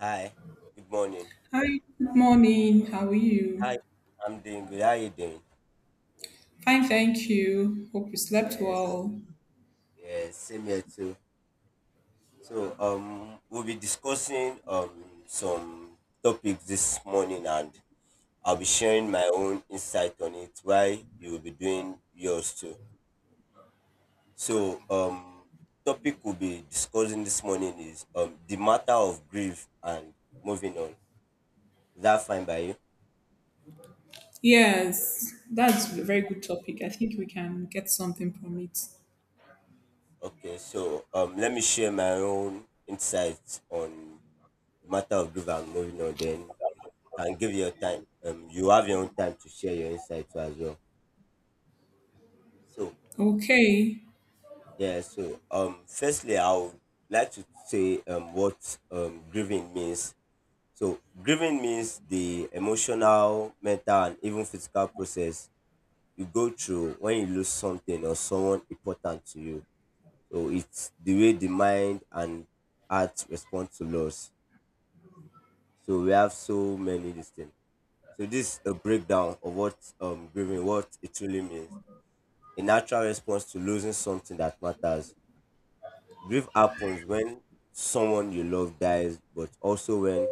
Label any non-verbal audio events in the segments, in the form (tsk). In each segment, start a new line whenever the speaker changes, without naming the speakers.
Hi, good morning.
Hi, good morning. How are you?
Hi, I'm doing good. How are you doing?
Fine, thank you. Hope you slept
Yes,
well.
yes, same here too. So, we'll be discussing some topics this morning, and I'll be sharing my own insight on it. Why you'll be doing yours too. So, topic we'll be discussing this morning is the matter of grief and moving on. Is that fine by you?
Yes, that's a very good topic. I think we can get something from it.
Okay, so let me share my own insights on matter of give and going on then can give your time you have your own time to share your insight too as well, so
Okay.
yeah, so firstly I would like to say what grieving means. So grieving means the emotional, mental, and even physical process you go through when you lose something or someone important to you. So it's the way the mind and heart respond to loss. So we have so many these things. So this is a breakdown of what grieving, what it truly means. A natural response to losing something that matters. Grief happens when someone you love dies, but also when,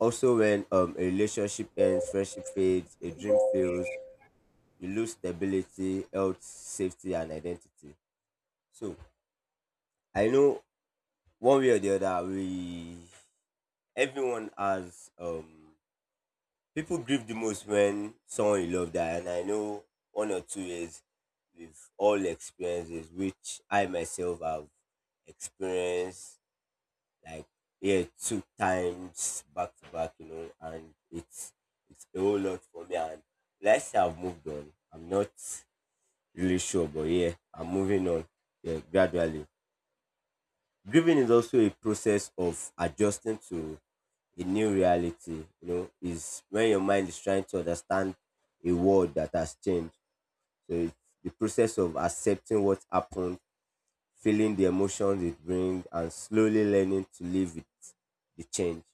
also when a relationship ends, friendship fades, a dream fails, you lose stability, health, safety, and identity. So I know one way or the other, we, everyone has people grieve the most when someone you love die, and I know 1 or 2 years we've all experiences which I myself have experienced, like yeah, two times back to back, you know, and it's a whole lot for me. And let's say I've moved on. I'm not really sure, but yeah, I'm moving on. Yeah, gradually grieving is also a process of adjusting to a new reality. You know, is when your mind is trying to understand a world that has changed. So it's the process of accepting what happened, feeling the emotions it brings, and slowly learning to live with the change.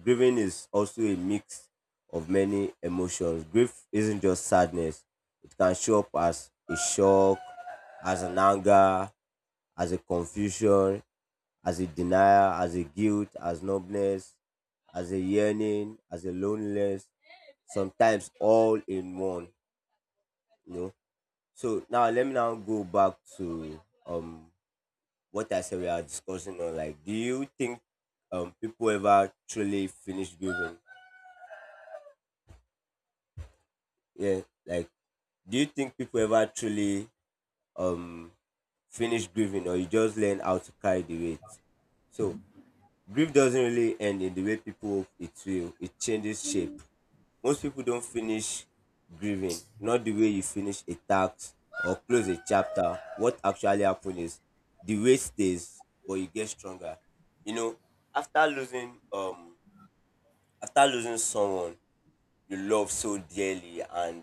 Grieving is also a mix of many emotions. Grief isn't just sadness. It can show up as a shock, as an anger, as a confusion, as a denial, as a guilt, as numbness, as a yearning, as a loneliness, sometimes all in one, you know. So now let me now go back to um what I said we are discussing on, like, do you think people ever truly finish grieving? Yeah, like, do you think people ever truly um finish grieving, or you just learn how to carry the weight? So grief doesn't really end in the way people hope it will. It changes shape. Most people don't finish grieving, not the way you finish a task or close a chapter. What actually happened is the weight stays, but you get stronger. You know, after losing someone you love so dearly, and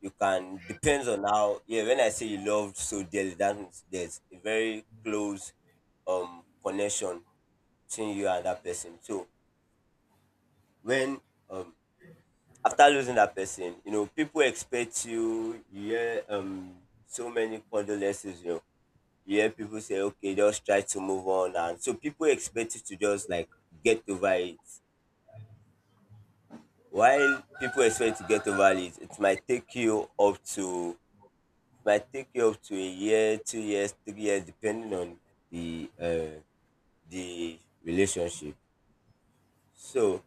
you can depends on how, yeah, when I say you love so dearly, that means there's a very close connection between you and that person. So when um after losing that person, you know, people expect you, you hear so many condolences, you know, you hear people say, okay, just try to move on, and so people expect you to just like get over it. While people expect to get over it, it might take you up to, it might take you up to a year, 2 years, 3 years, depending on the the relationship. So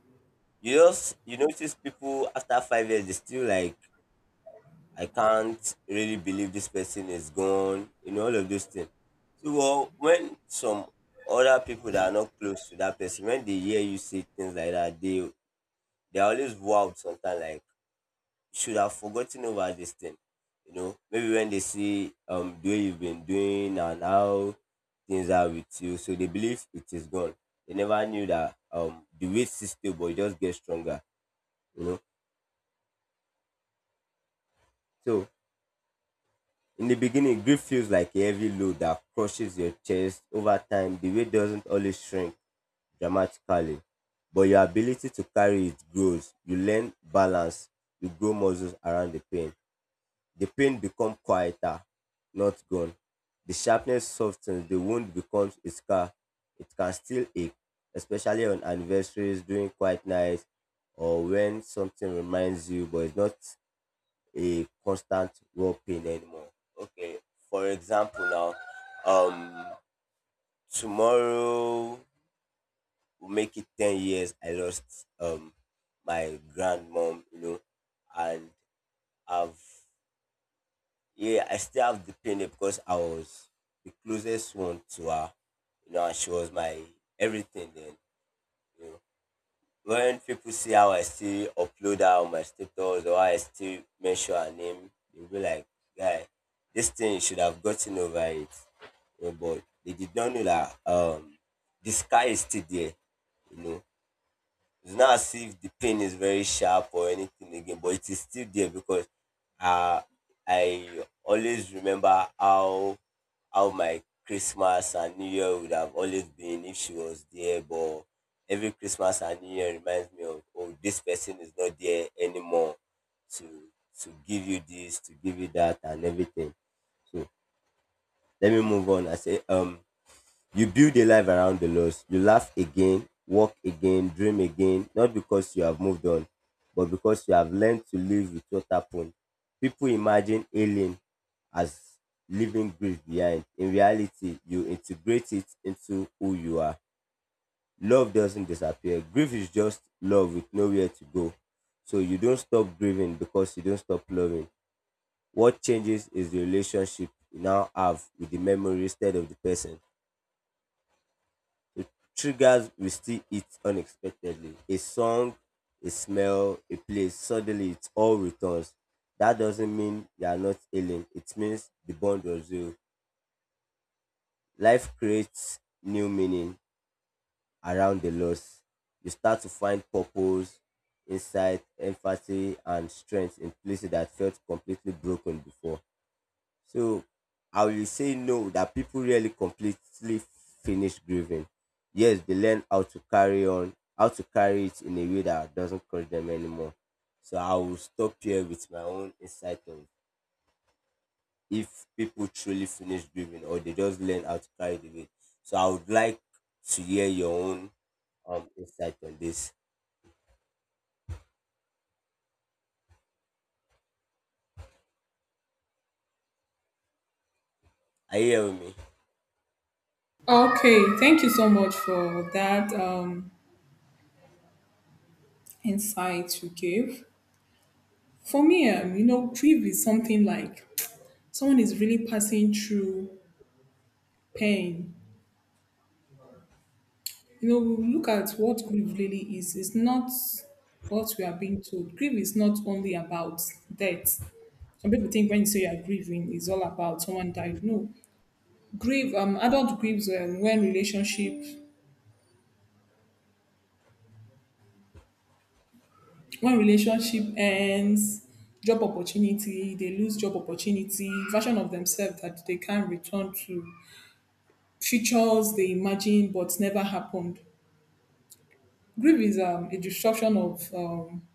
you just, you notice people after 5 years they still like, I can't really believe this person is gone, you know, all of those things. So well, when some other people that are not close to that person, when they hear you say things like that, they, they're always wowed sometimes like should have forgotten over this thing. You know, maybe when they see the way you've been doing and how things are with you, so they believe it is gone. They never knew that the weight system will just get stronger, you know. So in the beginning, grief feels like a heavy load that crushes your chest. Over time, the weight doesn't always shrink dramatically, but your ability to carry it grows. You learn balance, you grow muscles around the pain. The pain becomes quieter, not gone. The sharpness softens, the wound becomes a scar. It can still ache, especially on anniversaries, during quiet nights, or when something reminds you, but it's not a constant raw pain anymore. Okay, for example now, um, tomorrow will make it 10 years. I lost my grandmom, you know, and I've, yeah, I still have the pain there because I was the closest one to her, you know, and she was my everything then, you know, when people see how I still upload her on my status or how I still mention her name, they'll be like, guy, this thing you should have gotten over it. You know, but they did not know that the sky is still there, you know. It's not as if the pain is very sharp or anything again, but it is still there because uh, I always remember how my Christmas and New Year would have always been if she was there. But every Christmas and New Year reminds me of, oh, this person is not there anymore, to to give you this, to give you that, and everything. So let me move on. I say you build a life around the loss. You laugh again, walk again, dream again, not because you have moved on, but because you have learned to live with what happened. People imagine healing as leaving grief behind. In reality, you integrate it into who you are. Love doesn't disappear. Grief is just love with nowhere to go. So you don't stop grieving because you don't stop loving. What changes is the relationship you now have with the memory instead of the person. The triggers we still hit unexpectedly. A song, a smell, a place, suddenly it all returns. That doesn't mean you are not ailing. It means the bond was real. Life creates new meaning around the loss. You start to find purpose, insight, empathy, and strength in places that felt completely broken before. So I will say no, that people really completely finish grieving. Yes, they learn how to carry on, how to carry it in a way that doesn't cause them anymore. So I will stop here with my own insight on if people truly finish grieving or they just learn how to carry the weight. So I would like to hear your own insight on this. Are you hearing me?
Okay, thank you so much for that insight you gave. For me, you know, grief is something like someone is really passing through pain, you know, we look at what grief really is. It's not what we are being told. Grief is not only about death. Some people think when you say you are grieving, it's all about someone died. No, grief. Adult grieves when relationship ends, job opportunity, they lose job opportunity, version of themselves that they can return to, futures they imagine but never happened. Grief is a disruption of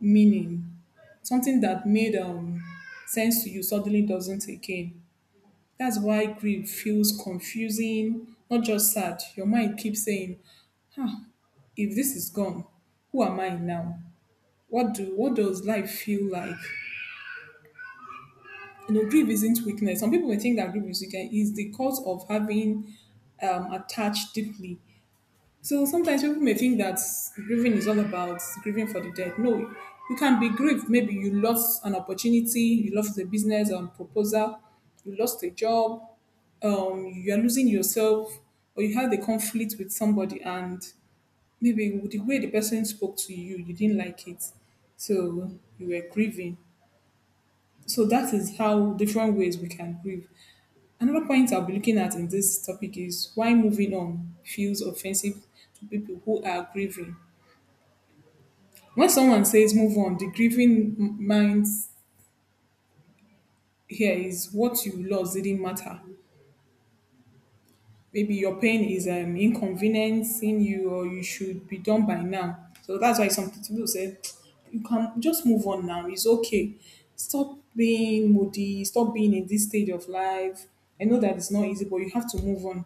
meaning, something that made sense to you suddenly doesn't again. That's why grief feels confusing, not just sad. Your mind keeps saying, huh, if this is gone, who am I now? What does life feel like? You know, grief isn't weakness. Some people may think that grief is weakness. It is the cause of having attached deeply. So sometimes people may think that grieving is all about grieving for the dead. No, you can be grieved. Maybe you lost an opportunity, you lost a business proposal, you lost a job, you are losing yourself, or you had a conflict with somebody, and maybe the way the person spoke to you, you didn't like it. So you were grieving. So that is how different ways we can grieve. Another point I'll be looking at in this topic is why moving on feels offensive to people who are grieving. When someone says move on, the grieving mind here is what you lost didn't matter. Maybe your pain is inconveniencing you or you should be done by now. So that's why some people say, you can just move on now. It's okay. Stop being moody. Stop being in this stage of life. I know that it's not easy, but you have to move on.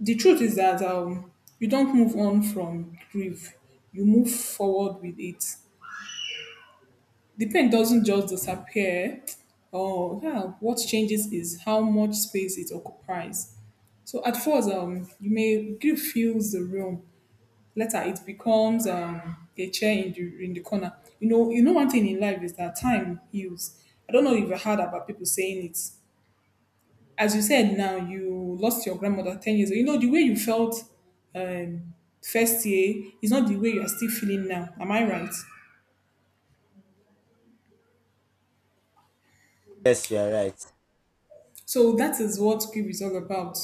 The truth is that you don't move on from grief, you move forward with it. The pain doesn't just disappear. Oh, yeah, what changes is how much space it occupies. So at first, you may grief fills the room. Later, it becomes a chair in the corner. You know one thing in life is that time heals. I don't know if you heard about people saying it. As you said now, you lost your grandmother 10 years ago. You know, the way you felt um, first year is not the way you are still feeling now. Am I right?
Yes, you are right.
So that is what grief is all about.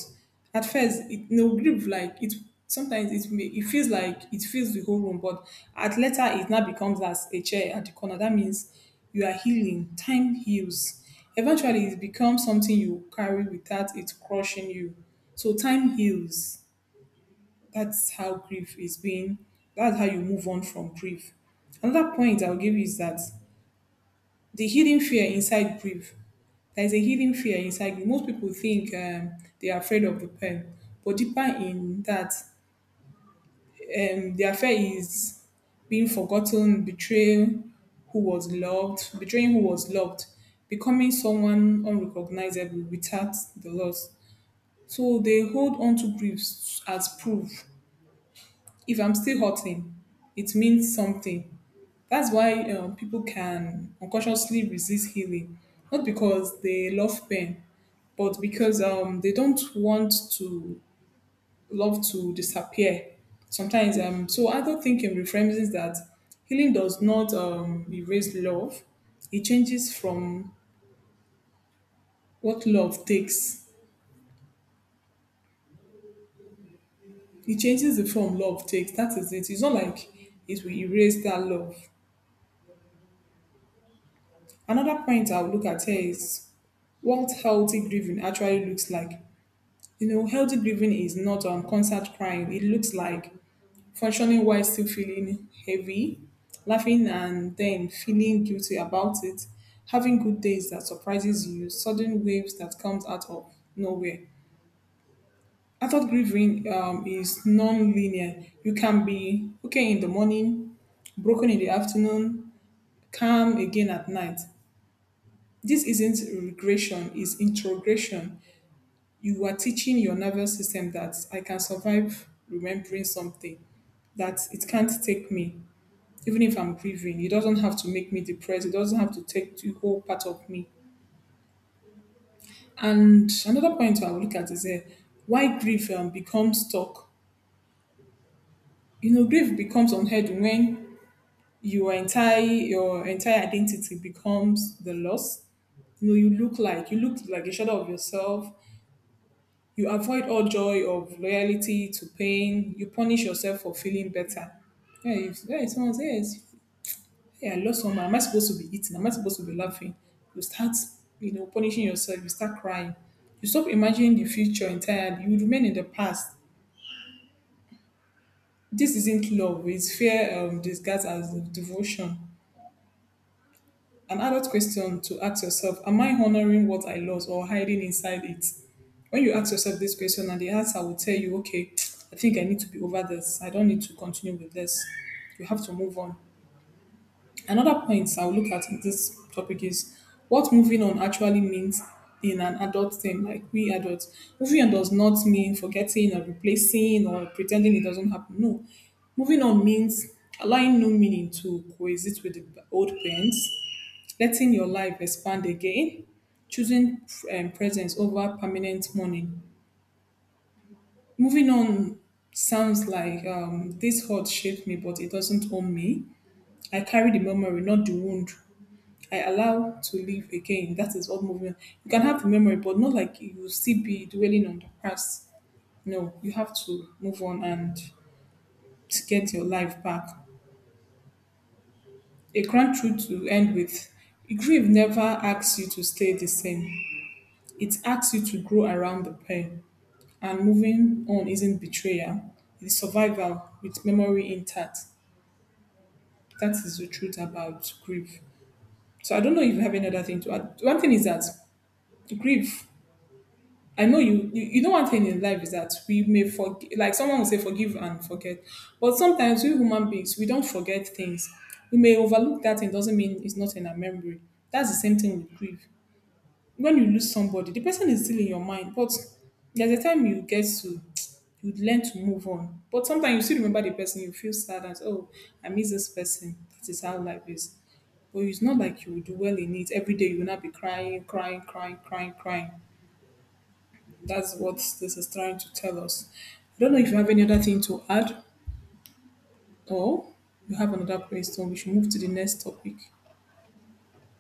At first, it, you know, grief, like, it sometimes it, may, it feels like it fills the whole room, but at later, it now becomes as a chair at the corner. That means you are healing. Time heals. Eventually, it becomes something you carry without it crushing you. So time heals, that's how grief is being, that's how you move on from grief. Another point I'll give you is that the hidden fear inside grief, there's a hidden fear inside grief. Most people think they are afraid of the pain, but deeper in that, their fear is being forgotten, betrayal, who was loved betraying who was loved, becoming someone unrecognizable without the loss. So they hold on to griefs as proof. If I'm still hurting, it means something. That's why people can unconsciously resist healing, not because they love pain, but because they don't want to love to disappear. Sometimes, so I thinking reframes is that healing does not erase love. It changes from what love takes. It changes the form love takes. That is it. It's not like it will erase that love. Another point I would look at here is what healthy grieving actually looks like. You know, healthy grieving is not constant crying. It looks like functioning while still feeling heavy, laughing and then feeling guilty about it, having good days that surprises you, sudden waves that comes out of nowhere. Adult grieving is non-linear. You can be okay in the morning, broken in the afternoon, calm again at night. This isn't regression, it's introgression. You are teaching your nervous system that I can survive remembering something, that it can't take me, even if I'm grieving. It doesn't have to make me depressed. It doesn't have to take the whole part of me. And another point I will look at is why grief becomes stuck. You know, grief becomes unheard when your entire identity becomes the loss. You know, you look like a shadow of yourself. You avoid all joy of loyalty to pain. You punish yourself for feeling better. Yeah, if someone says, hey, I lost someone, am I supposed to be eating? Am I supposed to be laughing? You start, you know, punishing yourself. You start crying. You stop imagining the future entirely. You remain in the past. This isn't love. It's fear disguised as devotion. An adult question to ask yourself: am I honoring what I lost or hiding inside it? When you ask yourself this question, and the answer will tell you, okay, (tsk) I think I need to be over this. I don't need to continue with this. You have to move on. Another point I'll look at in this topic is what moving on actually means in an adult thing, like we adults. Moving on does not mean forgetting or replacing or pretending it doesn't happen. No. Moving on means allowing new meaning to coexist with the old pains, letting your life expand again, choosing presence over permanent money. Moving on sounds like, this hurt shaped me, but it doesn't own me. I carry the memory, not the wound. I allow to live again. That is what moving. You can have the memory, but not like you still be dwelling on the past. No, you have to move on and to get your life back. A grand truth to end with. Grief never asks you to stay the same. It asks you to grow around the pain. And moving on isn't betrayal. It's survival with memory intact. That is the truth about grief. So I don't know if you have any other thing to add. One thing is that grief. I know you, you. You know one thing in life is that we may forgive. Like someone will say, forgive and forget. But sometimes we human beings, we don't forget things. We may overlook that. It doesn't mean it's not in our memory. That's the same thing with grief. When you lose somebody, the person is still in your mind, but there's a time you get to, you learn to move on. But sometimes you still remember the person, you feel sad and, oh, I miss this person. That is how life is. But it's not like you will do well in it. Every day you will not be crying, crying, crying, crying, crying. That's what this is trying to tell us. I don't know if you have any other thing to add or you have another question. We should move to the next topic.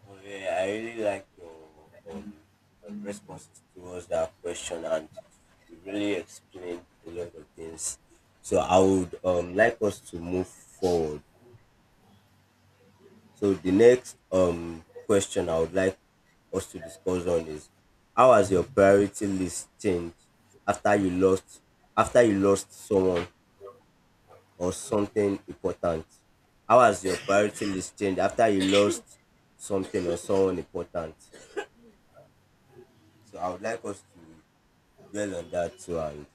Okay, I really like your responses towards that question, and you really explained a lot of things. So I would like us to move forward. So the next question I would like us to discuss on is, how has your priority list changed after you lost, after you lost someone or something important? How has your priority list changed after you lost something or someone important? So I would like us to dwell on that too, and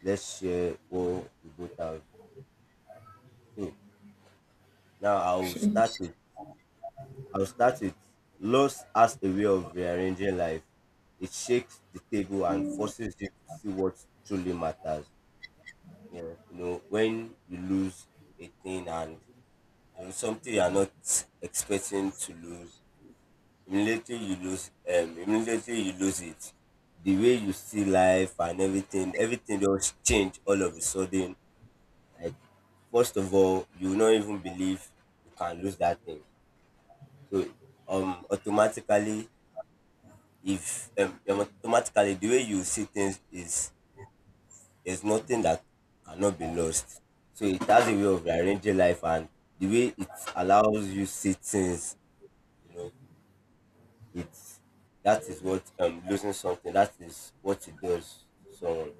let's share what we both have. So now I'll
Sure.
start with, I'll start with loss as a way of rearranging life. It shakes the table and forces you to see what truly matters. Yeah, you know, when you lose a thing and you know something you are not expecting to lose, immediately you lose it, the way you see life and everything, everything does change all of a sudden. Like, first of all, you will not even believe you can lose that thing. So automatically, if automatically the way you see things is there's nothing that cannot be lost. So it has a way of rearranging life and the way it allows you see things, you know, it's, that is what losing something, that is what it does to someone.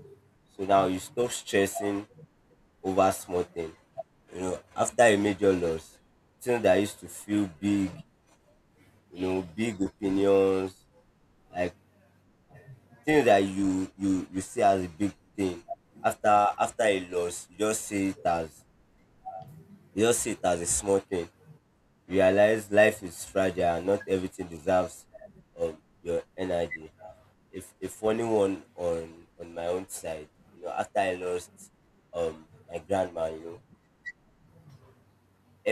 So now you stop stressing over small thing. You know, after a major loss, things that used to feel big, you know, big opinions, like things that you, you see as a big thing. After, after a loss, you just see it as, you just see it as a small thing. Realize life is fragile and not everything deserves your energy. If funny one on my own side, you know, after I lost my grandma, you know,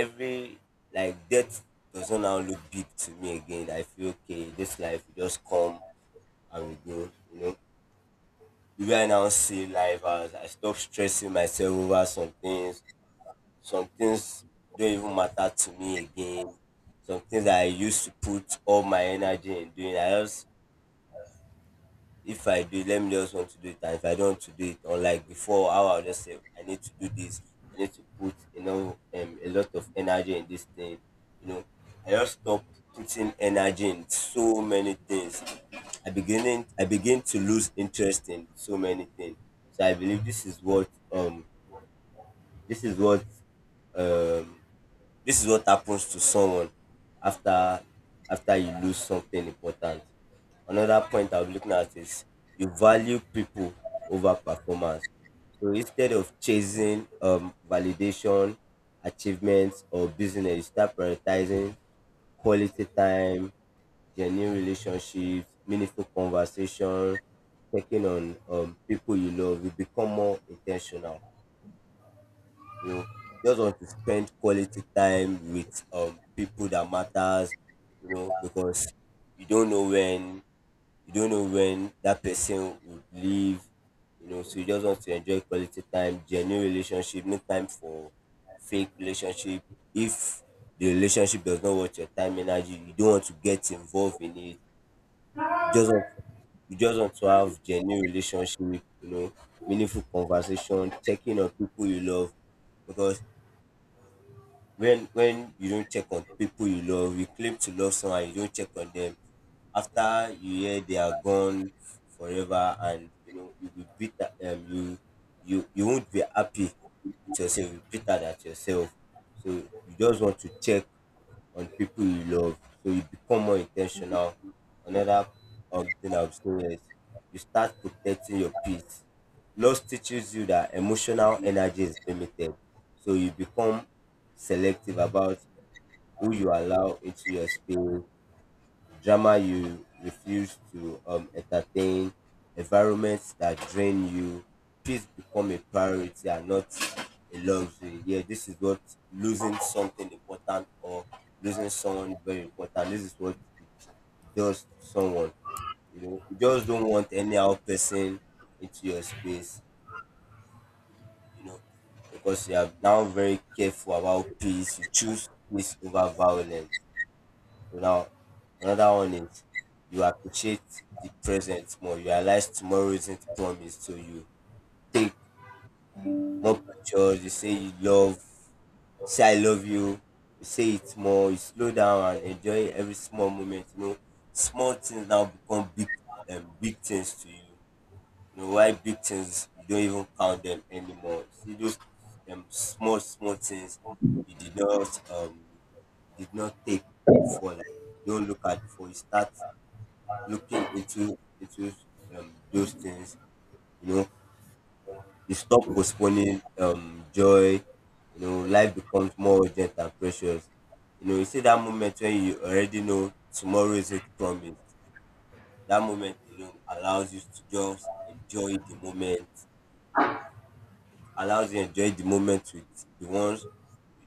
every, like, death doesn't now look big to me again. I feel okay, this life will just come and we go. You know, the way I now see life, as I stop stressing myself over some things. Some things don't even matter to me again. Some things that I used to put all my energy in doing. I just, if I do, let me just want to do it. And if I don't want to do it, or like before, how I'll just say, I need to do this. I need to put, a lot of energy in this thing. You know, I just stop putting energy in so many things. I begin to lose interest in so many things. So I believe this is this is um, this is what happens to someone after after you lose something important. Another point I'm looking at is you value people over performance. So instead of chasing validation, achievements, or business, you start prioritizing quality time, genuine relationships, meaningful conversation, checking on people you love. You become more intentional. You know, you just want to spend quality time with people that matters. You know, because you don't know when you don't know when that person would leave. You know, so you just want to enjoy quality time, genuine relationship, no time for fake relationship. If the relationship does not worth your time, energy, you don't want to get involved in it. You just want to you just want to have genuine relationship, you know, meaningful conversation, checking on people you love. Because when you don't check on people you love, you claim to love someone, you don't check on them. After you hear they are gone forever, and you know you'll be bitter. You won't be happy with yourself. You'll be bitter at yourself. So you just want to check on people you love, so you become more intentional. Another thing I would say is you start protecting your peace. Loss teaches you that emotional energy is limited, so you become selective about who you allow into your space. Drama you refuse to entertain, environments that drain you, peace become a priority and not a luxury. Yeah, this is what losing something important or losing someone very important. This is what it does to someone. You know, you just don't want any other person into your space, you know, because you are now very careful about peace. You choose peace over violence. Now, another one is you appreciate the present more. You realize tomorrow isn't promised, so you take more pictures. You say I love you. You say it more. You slow down and enjoy every small moment. You know, small things now become big, big things to you. You know why, big things you don't even count them anymore. See those small small things you did not you did not take before. Like you don't look at before you start looking into those things, you know, you stop postponing joy. You know, life becomes more urgent and precious. You know, you see that moment when you already know tomorrow isn't promised, that moment alone allows you to just enjoy the moment, allows you enjoy the moment with the ones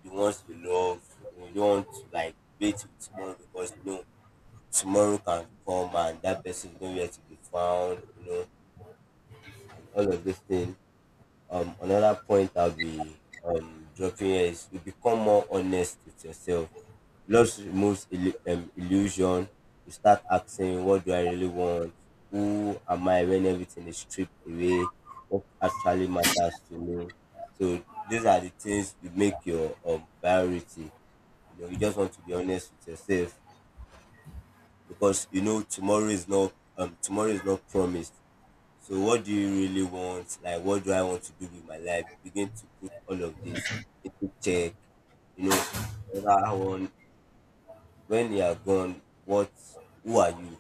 the ones you love. You know, you don't want to like wait till tomorrow because you know tomorrow can come and that person is nowhere to be found, you know, and all of this thing. Another point I'll be dropping here is you become more honest with yourself. Love removes illusion. You start asking, what do I really want? Who am I when everything is stripped away? What actually matters to me? So these are the things you make your priority. You know, you just want to be honest with yourself because you know tomorrow is not promised. So what do you really want? Like, what do I want to do with my life? You begin to put all of this into check, you know. Whether one, when you are gone, what, who are you?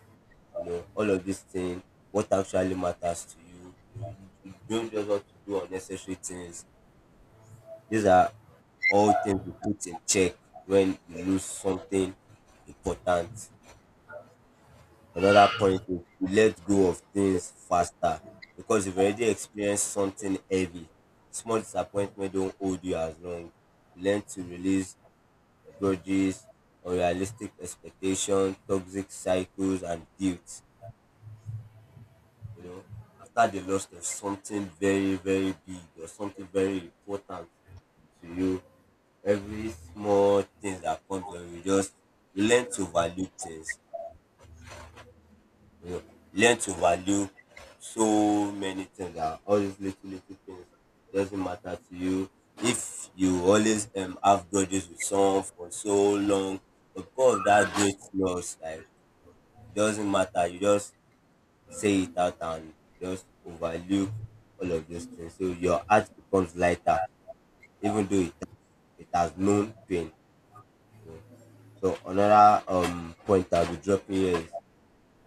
You know, all of this thing, what actually matters to you. You know, you don't just want to do unnecessary things. These are all things you put in check when you lose something important. Another point is to let go of things faster because you've already experienced something heavy. Small disappointment don't hold you as long. Learn to release grudges, unrealistic expectations, toxic cycles, and guilt. You know, after the loss of something very, very big or something very important to you, every small thing that comes on you just, you learn to value things. You know, learn to value so many things, that all these little little things doesn't matter to you. If you always have grudges with someone for so long because of that great loss, like, it doesn't matter, you just say it out and just overlook all of those things, so your heart becomes lighter even though it has known pain, you know. So another point I'll be dropping here is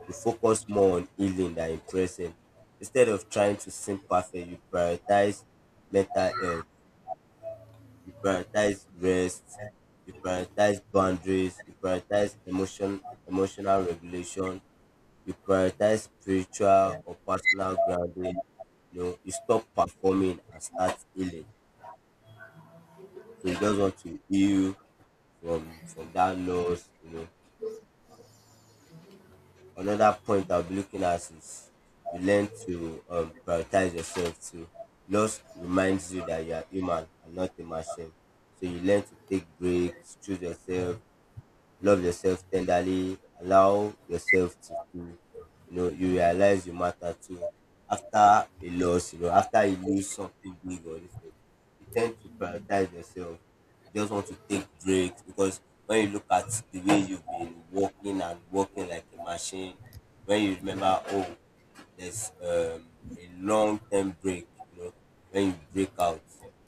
you focus more on healing than impressing. Instead of trying to seem perfect, you prioritize mental health, you prioritize rest, you prioritize boundaries, you prioritize emotional regulation, you prioritize spiritual or personal grounding. You know, you stop performing and start healing. So you just want to heal from that loss, you know. Another point I'll be looking at is you learn to prioritize yourself too. Loss reminds you that you are human and not a machine. So you learn to take breaks, choose yourself, love yourself tenderly, allow yourself to feel, you know, you realize you matter too. After a loss, you know, after you lose something big or anything, you tend to prioritize yourself. You just want to take breaks because when you look at the way you've been working and working like a machine, when you remember, oh, there's a long term break, you know, when you break out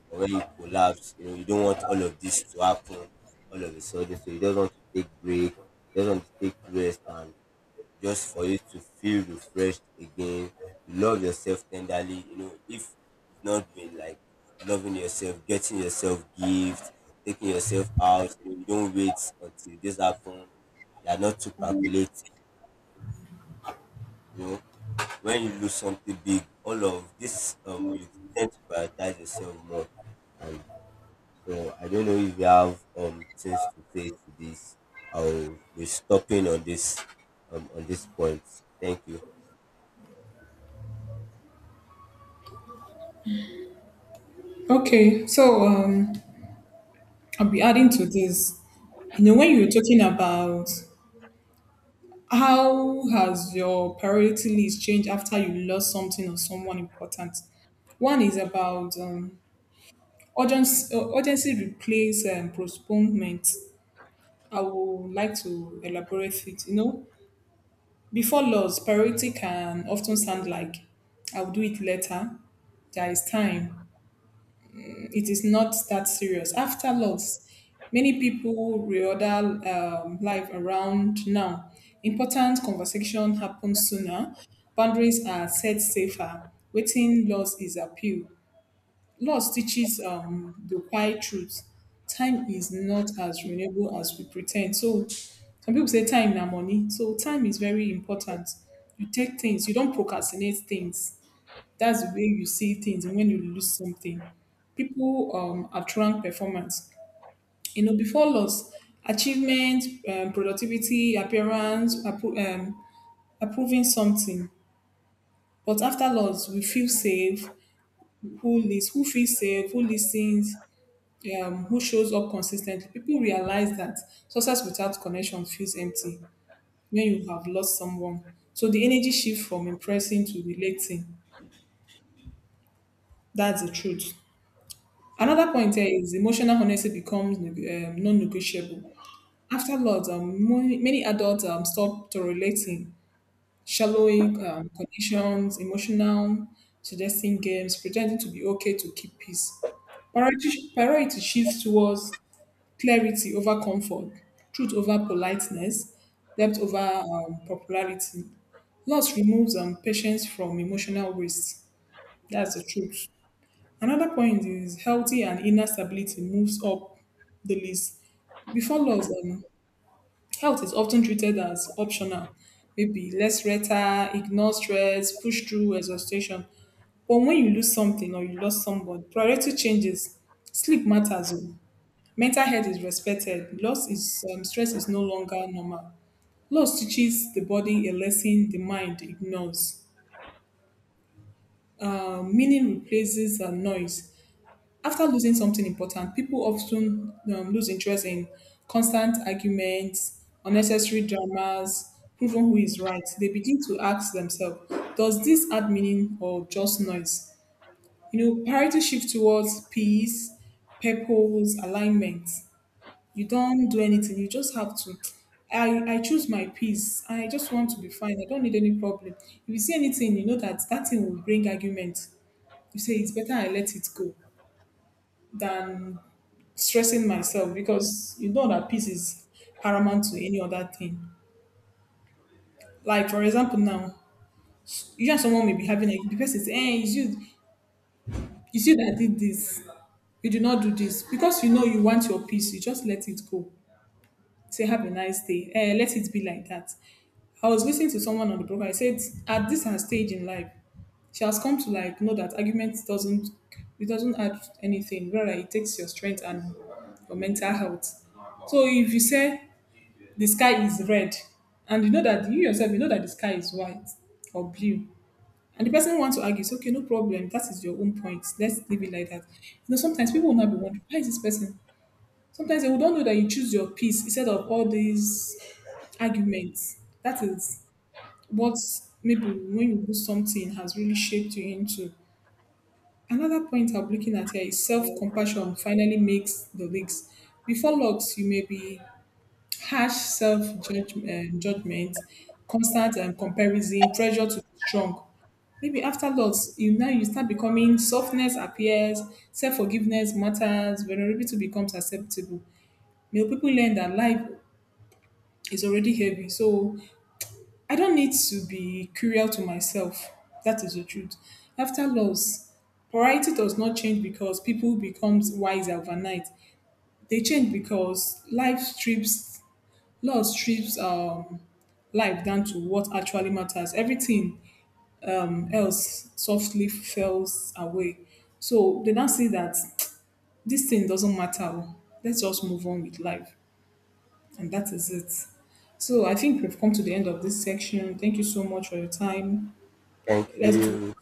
or when you collapse, you know, you don't want all of this to happen all of a sudden. So you just want to take break, you just want to take rest and just for you to feel refreshed again, love yourself tenderly, you know, if you've not been like loving yourself, getting yourself gifts, taking yourself out, you know, you don't wait until this happens. You are not too calculating, you know, when you lose something big, all of this you tend to prioritize yourself more. And so I don't know if you have things to say to this. I'll be stopping on this on this point. Thank you.
Okay, so I'll be adding to this. You know, when you were talking about how has your priority list changed after you lost something or someone important, one is about urgency, urgency replace postponement. I would like to elaborate it. You know, before loss, priority can often sound like I'll do it later. There is time. It is not that serious. After loss, many people reorder life around now. Important conversation happens sooner. Boundaries are set safer. Waiting loss is appeal. Loss teaches the quiet truth. Time is not as renewable as we pretend. So some people say time na money. So time is very important. You take things. You don't procrastinate things. That's the way you see things when you lose something. People attract performance. You know, before loss, achievement, productivity, appearance, approving something. But after loss, we feel safe. Who who feels safe? Who listens? Who shows up consistently? People realize that success without connection feels empty when you have lost someone. So the energy shift from impressing to relating. That's the truth.
Okay.
Another point here is emotional honesty becomes non-negotiable. After loss, many adults stop tolerating shallowing conditions, emotional suggesting games, pretending to be okay to keep peace. Priority, priority shifts towards clarity over comfort, truth over politeness, depth over popularity. Loss removes patience from emotional waste. That's the truth. Another point is healthy and inner stability moves up the list. Before loss, health is often treated as optional. Maybe less rhetoric, ignore stress, push through exhaustion. But when you lose something or you lost someone, priority changes. Sleep matters. Oh. Mental health is respected. Loss is stress is no longer normal. Loss teaches the body a lesson the mind ignores. Meaning replaces noise. After losing something important, people often lose interest in constant arguments, unnecessary dramas, proving who is right. They begin to ask themselves, does this add meaning or just noise? You know, priority shift towards peace, purpose, alignment. You don't do anything, you just have to. I choose my peace. I just want to be fine. I don't need any problem. If you see anything, you know that that thing will bring argument. You say it's better I let it go than stressing myself, because you know that peace is paramount to any other thing. Like for example, now you and someone may be having a the person say, "Hey, it's you that did this. You do not do this because you know you want your peace. You just let it go. Say, have a nice day. Eh, let it be like that." I was listening to someone on the program. I said, "At this her stage in life, she has come to like know that argument doesn't, it doesn't add anything, rather it takes your strength and your mental health. So if you say the sky is red and you know that you yourself you know that the sky is white or blue and the person wants to argue, it's okay, no problem, that is your own point, let's leave it like that. You know,
All
sometimes
right.
people will not be wondering why is this person, sometimes they will don't know that you choose your peace instead of all these arguments, that is what maybe when you do something has really shaped you into. Another point I'm looking at here is self-compassion finally makes the leaks. Before logs you may be harsh self-judgment, judgment, constant comparison, pressure to be strong. Maybe after loss, you now you start becoming softness appears, self-forgiveness matters, vulnerability becomes acceptable. You know, people learn that life is already heavy, so I don't need to be cruel to myself. That is the truth. After loss, variety does not change because people becomes wiser overnight. They change because life strips, loss strips life down to what actually matters. Everything else softly falls away. So they now see that this thing doesn't matter. Oh. Let's just move on with life. And that is it. So I think we've come to the end of this section. Thank you so much for your time.
Thank
Let's do
you.